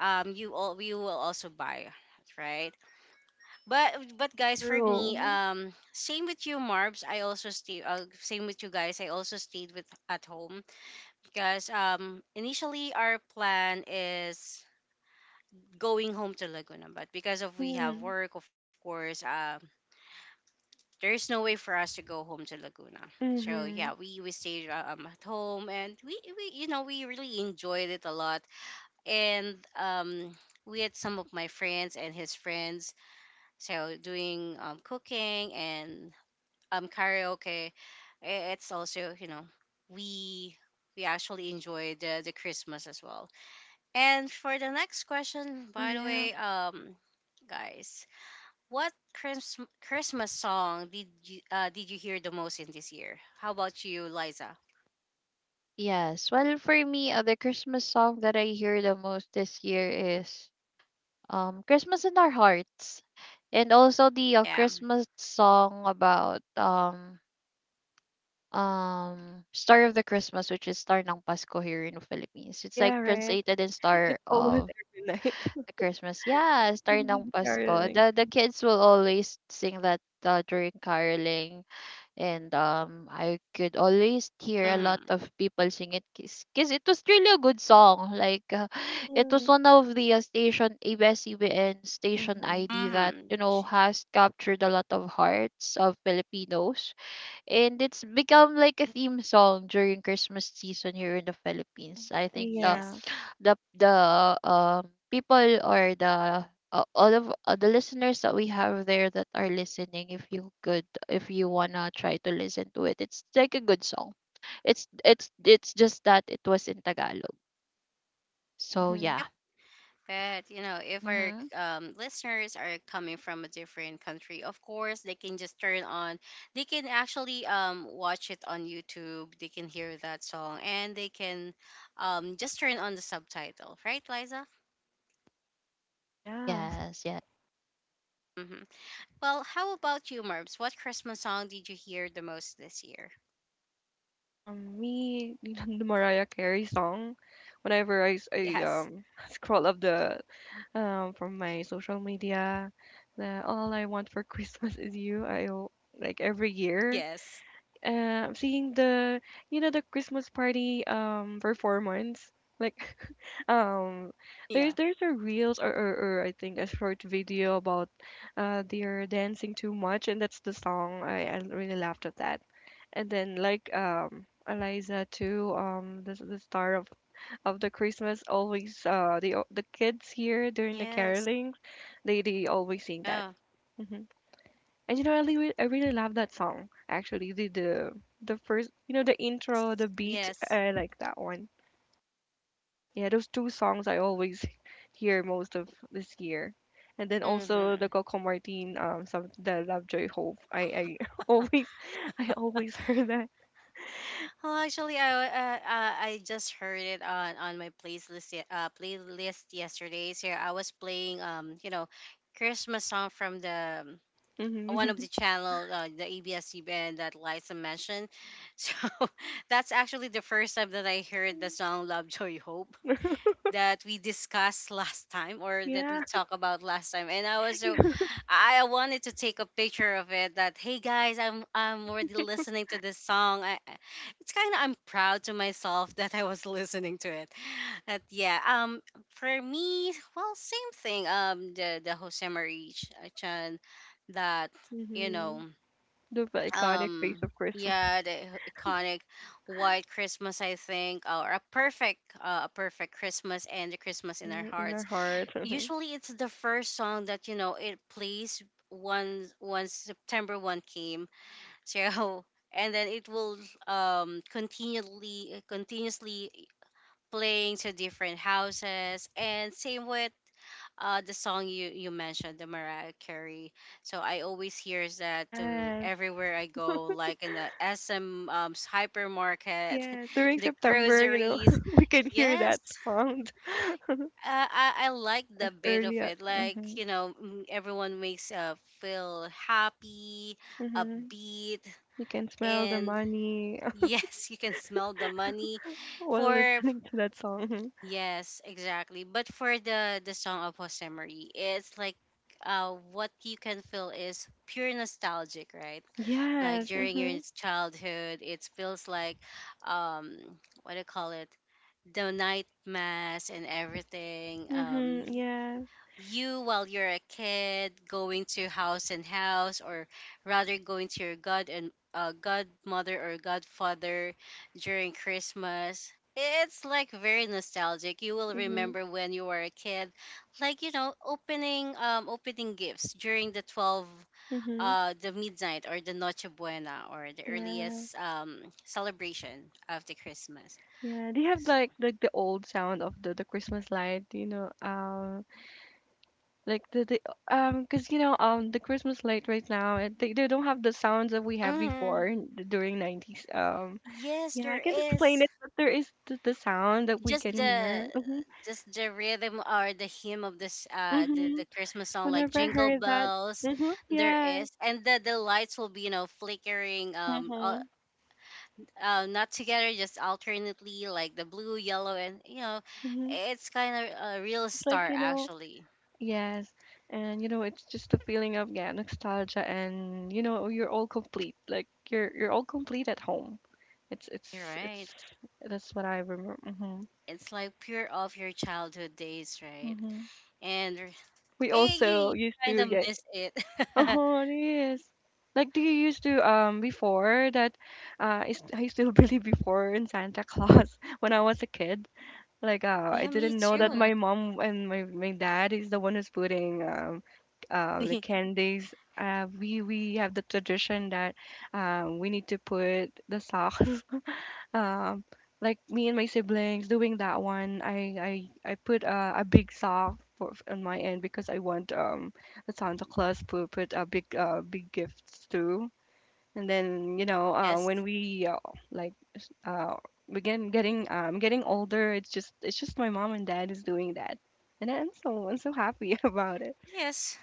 you will also buy, right? But guys, for me, true. Same with you, Marbs. I also stay. Same with you guys. I also stayed with at home because initially our plan is going home to Laguna. But because of we have Mm-hmm, work, of course, there's no way for us to go home to Laguna. So mm-hmm. yeah, we stayed at home, and we we really enjoyed it a lot. And we had some of my friends and his friends, so doing cooking and karaoke. It's also we we actually enjoyed the Christmas as well. And for the next question, Oh, by the yeah. way, guys. What Christmas song did you hear the most in this year? How about you, Liza? yes. Well, for me, the Christmas song that I hear the most this year is, Christmas in Our Hearts, and also the, Yeah. Christmas song about, Star of the Christmas, which is Star ng Pasko here in the Philippines. It's like Yeah, right? translated in Star It's always of every night. the Christmas. Yeah, Star ng Mhm, the Pasko. caroling. The kids will always sing that during caroling. And I could always hear a lot Mm-hmm. of people sing it because it was really a good song. Like, it was Mhm, one of the, station mhm. ID that, Mm-hmm. you know, has captured a lot of hearts of Filipinos, and it's become like a theme song during Christmas season here in the Philippines. I think Yeah. Yes. The people or the, all of, the listeners that we have there that are listening, if you could, if you wanna try to listen to it, it's like a good song. It's just that it was in Tagalog, so Mhm. yeah. Yep. But you know, if our Mm-hmm. Listeners are coming from a different country, of course they can just turn on. They can actually watch it on YouTube. They can hear that song and they can just turn on the subtitle, right, Liza? Yeah. Yes, yes. Mm-hmm. Well, how about you, Marbs? What Christmas song did you hear the most this year? Me, the Mariah Carey song, whenever I, s- I, Yes. um, scroll up from my social media, the All I Want for Christmas is You, like every year, Yes. Seeing the you know the Christmas party performance like um there's Yeah. there's a reels or I think a short video about they're dancing too much, and that's the song I really laughed at that. And then like Eliza too, the star of the Christmas, always the kids here during the Yes. caroling, they always sing that. Yeah. Mm-hmm. And you know, I really love that song. Actually, the first, you know, the intro, the beat, Yes. I like that one. Yeah, those two songs I always hear most of this year. And then also Mm-hmm. the Coco Martin, some the Lovejoy Hope. I always, I always heard that. Oh, actually, I just heard it on my playlist playlist yesterday. So I was playing Christmas song from the one of hmm the channel, the ABS-CBN that Liza mentioned. So that's actually the first time that I heard the song "Lovejoy Hope," that we discussed last time or that Yeah. we talked about last time. And I was so I wanted to take a picture of it. That hey guys, I'm already listening to this song. It's kind of, I'm proud to myself that I was listening to it. But yeah, for me, well, same thing, the Jose Marie Chan that you hmm know, The iconic face um of Christmas. yeah the h- iconic white Christmas, I think, or a perfect, Christmas and the Christmas in Our Mhm, in our Hearts. heart. Usually it's the first song that you know, it plays once September 1st came. So and then it will continually continuously playing to different houses, and same with, the song you mentioned, the Mariah Carey. So I always hear that to Yes, everywhere I go, like in the SM, hypermarket, yes. During the September, you know, groceries. we can hear Yes, that song I like the bit of earlier. it. Like, everyone makes, feel happy, hmm upbeat, You can smell the and money. yes, you can smell the money. While For listening to that song. Yes, exactly. But for the song of Jose Marie, it's like, what you can feel is pure nostalgic, right? Like Yes. during your Mm-hmm. childhood, it feels like, um what do you call it? The night mass and everything. Mm-hmm. Yeah. You, while you're a kid going to house and house, or rather going to your god and, godmother or godfather during Christmas, it's like very nostalgic. You will Mm-hmm. remember when you were a kid, like, you know, opening gifts during the 12, Mm-hmm. The midnight, or the noche buena, or the Yeah. earliest celebration of the Christmas. Yeah, they have like the old sound of the Christmas light. You know, like the cause you know the Christmas light right now, it, they don't have the sounds that we have mm, before during nineties. Yes, Yeah, I there can explain is, it, but there is the sound that we just can the hear. Mm-hmm. Rhythm or the hymn of this, the, Mm-hmm. the Christmas song, like Whenever I Jingle heard that, Bells. mhm, There yes, is, and the lights will be, you know, flickering, mhm, not together, just alternately, like the blue, yellow, and you know, mhm. it's kind of a real It's like, star you know, actually. yes. And you know, it's just a feeling of, yeah, nostalgia, and you know, you're all complete. Like you're all complete at home. It's You're it's right, it's that's what I remember. It's like pure of your childhood days, right? hmm And We you, also you used kind to, of yeah. miss it. Oh, it is. Like, do you used to before that? Is I still believe before in Santa Claus when I was a kid. Like, I Yeah, me didn't know that too. Mm-hmm. my mom and my dad is the one who's putting the candies. We have the tradition that we need to put the socks. Um, like me and my siblings doing that one, I put a big sock for on my end because I want the Santa Claus to put a big big gifts too. And then you know Yes, when we like uh begin getting getting older. It's just my mom and dad is doing that, and I'm so happy about it. yes.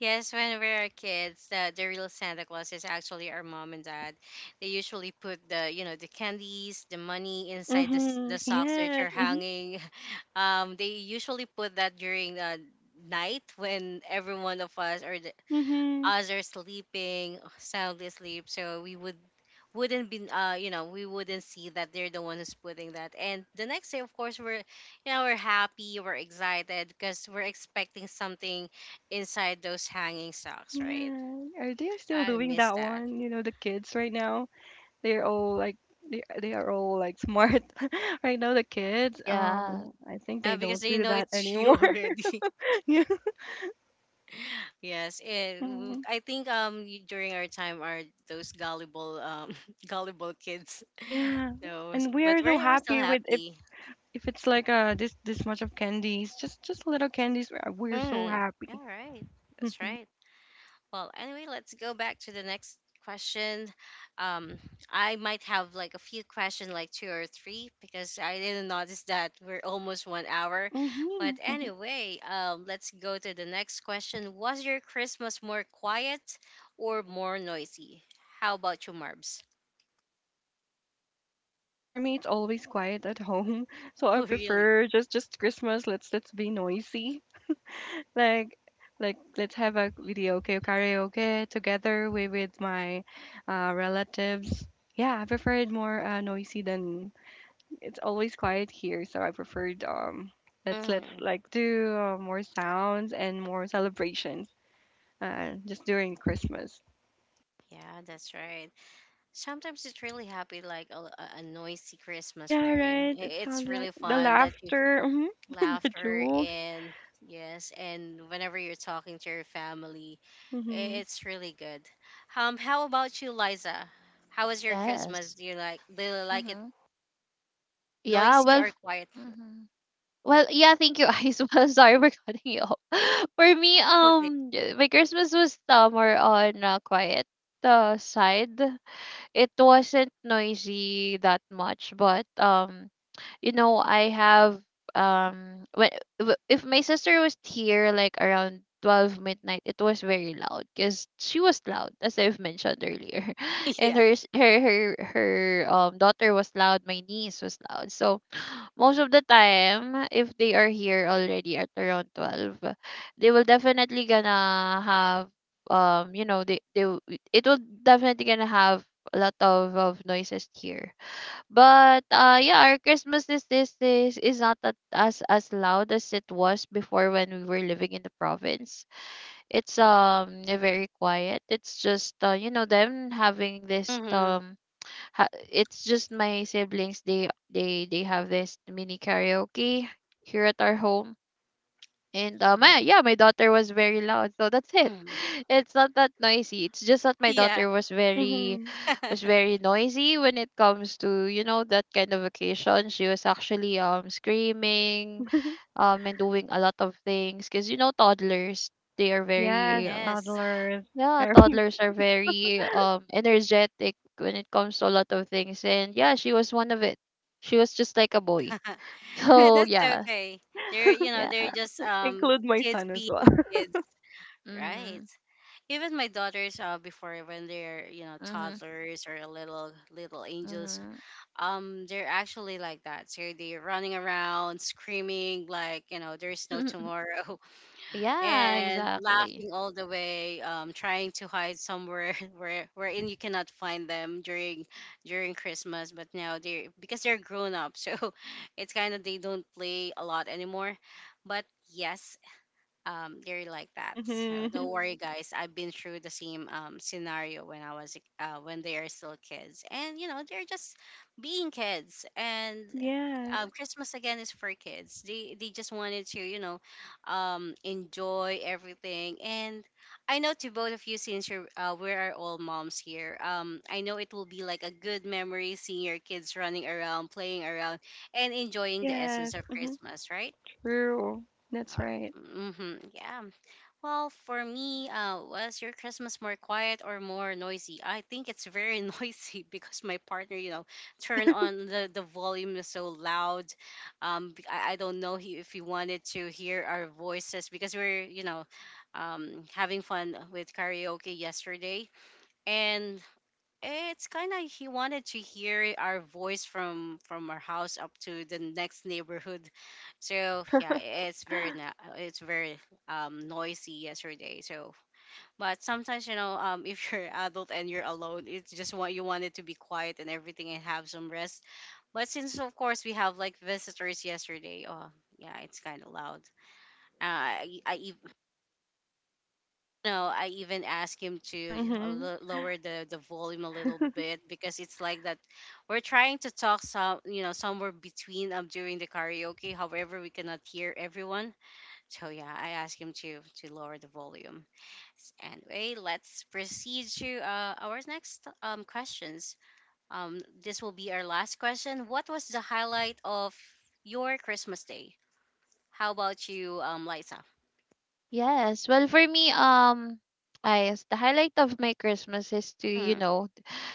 Yes, when we are kids, the real Santa Claus is actually our mom and dad. They usually put the, you know, the candies, the money inside Mm-hmm, the socks that yes, you're mm-hmm, hanging. They usually put that during, night, when every one of us, or the mm-hmm. others, sleeping soundly asleep, so we would wouldn't be, we wouldn't see that they're the one who's putting that. And the next day, of course, we're, you know, we're happy, we're excited, because we're expecting something inside those hanging socks, right? Yeah, are they still I doing miss that that. one, you know, the kids right now? They're all like, they are all like smart right now, the kids. Yeah. I think Uh, they because don't you do know, that it's you anymore. already Yeah. yes. And Mm. I think, during our time are those gullible, gullible kids, Yeah, so and we but are we're, so we're still happy with happy. if it's like this this much of candies. Just little candies, we're so Mm, yeah, happy. right. That's Mhm. right. Well, anyway, let's go back to the next question. Um, I might have like a few questions, like two or three, because I didn't notice that we're almost 1 hour. Mhm, But mhm. anyway, let's go to the next question. Was your Christmas more quiet or more noisy? How about you, Marbs? For me, it's always quiet at home, so I Oh, really? prefer just Christmas. Let's be noisy. Like like let's have a video, okay, karaoke together with my relatives. Yeah, I prefer it more noisy than it's always quiet here, so I preferred let's Mm, like do more sounds and more celebrations, just during Christmas. yeah, that's right. Sometimes it's really happy, like a noisy Christmas, Yeah, right? right. It It's sounds really like the fun that you laughter, mhm, the laughter, jokes. and yes, and whenever you're talking to your family, Mhm. it's really good. How about you, Liza? How was your Christmas? Yes. Do you like it Mm-hmm. Yeah, noisy well, or quiet? mm-hmm. Well, yeah, thank you, Ice. Well, sorry for cutting you off. For me, Okay. My Christmas was, more on, quiet, side. It wasn't noisy that much, but you know, I have, um, when if my sister was here, like around 12 midnight, it was very loud because she was loud, as I've mentioned earlier, and Yeah. her s- her her her daughter was loud, my niece was loud. So most of the time, if they are here already at around 12, they will definitely gonna have, um you know they, they will- it will definitely gonna have a lot of noises here. But yeah, our christmas is this is not that as loud as it was before when we were living in the province. It's, very quiet. It's just, you know, them having this Mm-hmm, it's just my siblings, they have this mini karaoke here at our home. And yeah. my yeah, my daughter was very loud, so that's it. Mm. It's not that noisy, it's just that my Yeah. daughter was very, Mhm. was very noisy when it comes to, you know, that kind of occasion. She was actually, screaming and doing a lot of things, because, you know, toddlers, they are Yes, very, Yes. toddlers. yeah, Every toddlers are very, energetic when it comes to a lot of things. And yeah, she was one of it. She was just like a boy. Yeah, So that's yeah. okay. They're, you know, Yeah. they're just, include my kids son as being well. kids, right? Mhm. Even my daughters, before, when they're, you know, Mhm. toddlers or little angels, Mhm. They're actually like that, so they're running around, screaming like, you know, there's no tomorrow, Yeah, and exactly. laughing all the way, trying to hide somewhere where wherein you cannot find them during Christmas. But now they're, because they're grown up, so it's kind of, they don't play a lot anymore. But yes, they're like that, so don't Mhm. worry guys, I've been through the same, scenario when when they are still kids, and you know, they're just being kids. And Yes. Christmas again is for kids. They just wanted to, you know, enjoy everything. And I know, to both of you, since you're, we are all moms here. I know it will be like a good memory, seeing your kids running around, playing around, and enjoying the Yes. essence of Mhm. Christmas, right? True. That's right. Mm-hmm, yeah. Well, for me, was your Christmas more quiet or more noisy? I think it's very noisy, because my partner, you know, turned on the volume is so loud. I don't know he, if he wanted to hear our voices because we're, you know, having fun with karaoke yesterday. And it's kind of he wanted to hear our voice from our house up to the next neighborhood. So yeah, it's very it's very noisy yesterday, so but sometimes, you know, if you're adult and you're alone, it's just what you wanted, to be quiet and everything and have some rest. But since, of course, we have like visitors yesterday. Oh yeah, it's kind of loud. uh, I, I ev- no, I even asked him True. to, Mhm. Lower the volume a little bit, because it's like that we're trying to talk some, you know, somewhere between, during the karaoke. However, we cannot hear everyone. So yeah, I asked him to lower the volume. Anyway, let's proceed to, our next questions. Um, this will be our last question. What was the highlight of your Christmas day? How about you, Liza? Yes. Well, for me, I yes, the highlight of my Christmas is to, you know,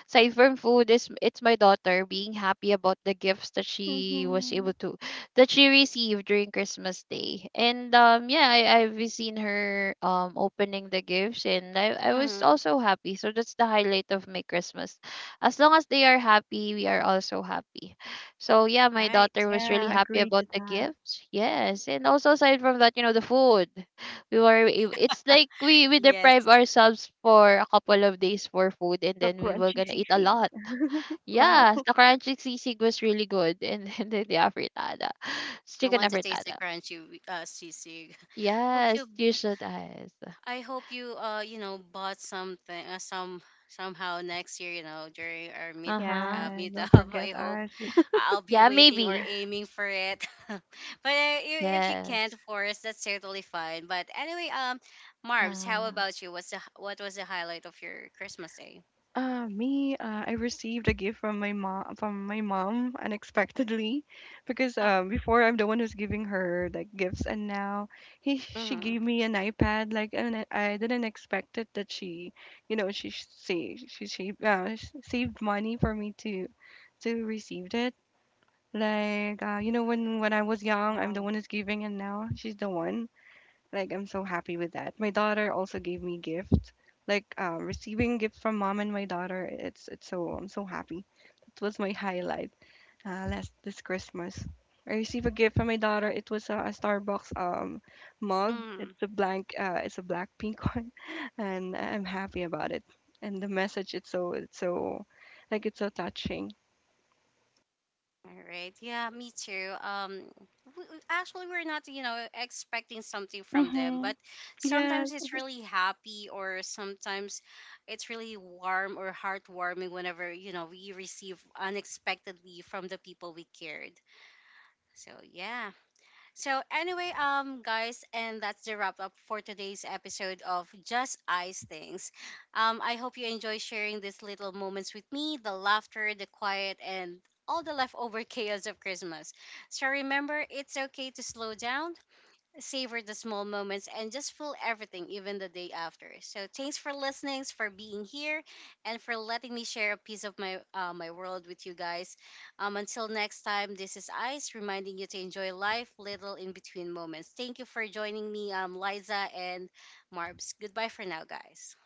aside from food, is it's my daughter being happy about the gifts that she was able Mhm. to that she received during Christmas Day. And yeah, I, I've seen her, opening the gifts, and I was Mm-hmm. also happy. So that's the highlight of my Christmas. As long as they are happy, we are also happy. So yeah, my daughter Right. was really Yeah, happy agree to about the that. gifts. Yes, and also aside from that, you know, the food, it's like we Yes. deprive ourselves for a couple of days for food and The then we were crunchy gonna eat a sea. lot. Wow. Yes, the crunchy sisig was really good, and then the afritada. It's I chicken want to taste the afritada. crunchy, sisig. Hope you, Yes, you should ask. I hope you, you know, bought something, some somehow next year, you know, during our meet, Uh-huh. Yeah, meet don't up. I forget hope, us. I'll be Yeah, waiting or maybe. aiming for it. But if you can't, Yes. of course, that's certainly fine. But anyway, Marbs, how Yeah. about you? What's what was the highlight of your Christmas day? Me, I received a gift from my mom unexpectedly, because Oh, before I'm the one who's giving her like gifts, and now he she mm-hmm. gave me an iPad. Like, and I didn't expect it that she, you know, she saved she sh- saved money for me to receive it. Like, you know, when I was young, I'm the Wow. one who's giving, and now she's the one. Like I'm so happy with that. My daughter also gave me gift. Like receiving gift from mom and my daughter, it's so I'm so happy. It was my highlight last this Christmas. I received a gift from my daughter. It was a Starbucks mug. Mm. It's a blank it's a black pink one, and I'm happy about it. And the message, it's so touching. All right. Yeah, me too. Actually, we're not, you know, expecting something from them, Mm-hmm. but Yeah, sometimes it's really happy, or sometimes it's really warm or heartwarming, whenever, you know, we receive unexpectedly from the people we cared. So yeah. So anyway, guys, and that's the wrap up for today's episode of Just Ice Things. I hope you enjoy sharing these little moments with me, the laughter, the quiet, and all the leftover chaos of Christmas. So remember, it's okay to slow down, savor the small moments, and just feel everything, even the day after. So thanks for listening, for being here, and for letting me share a piece of my world with you guys. Until next time, this is Ice, reminding you to enjoy life, little in between moments. Thank you for joining me, Liza and Marbs. Goodbye for now, guys.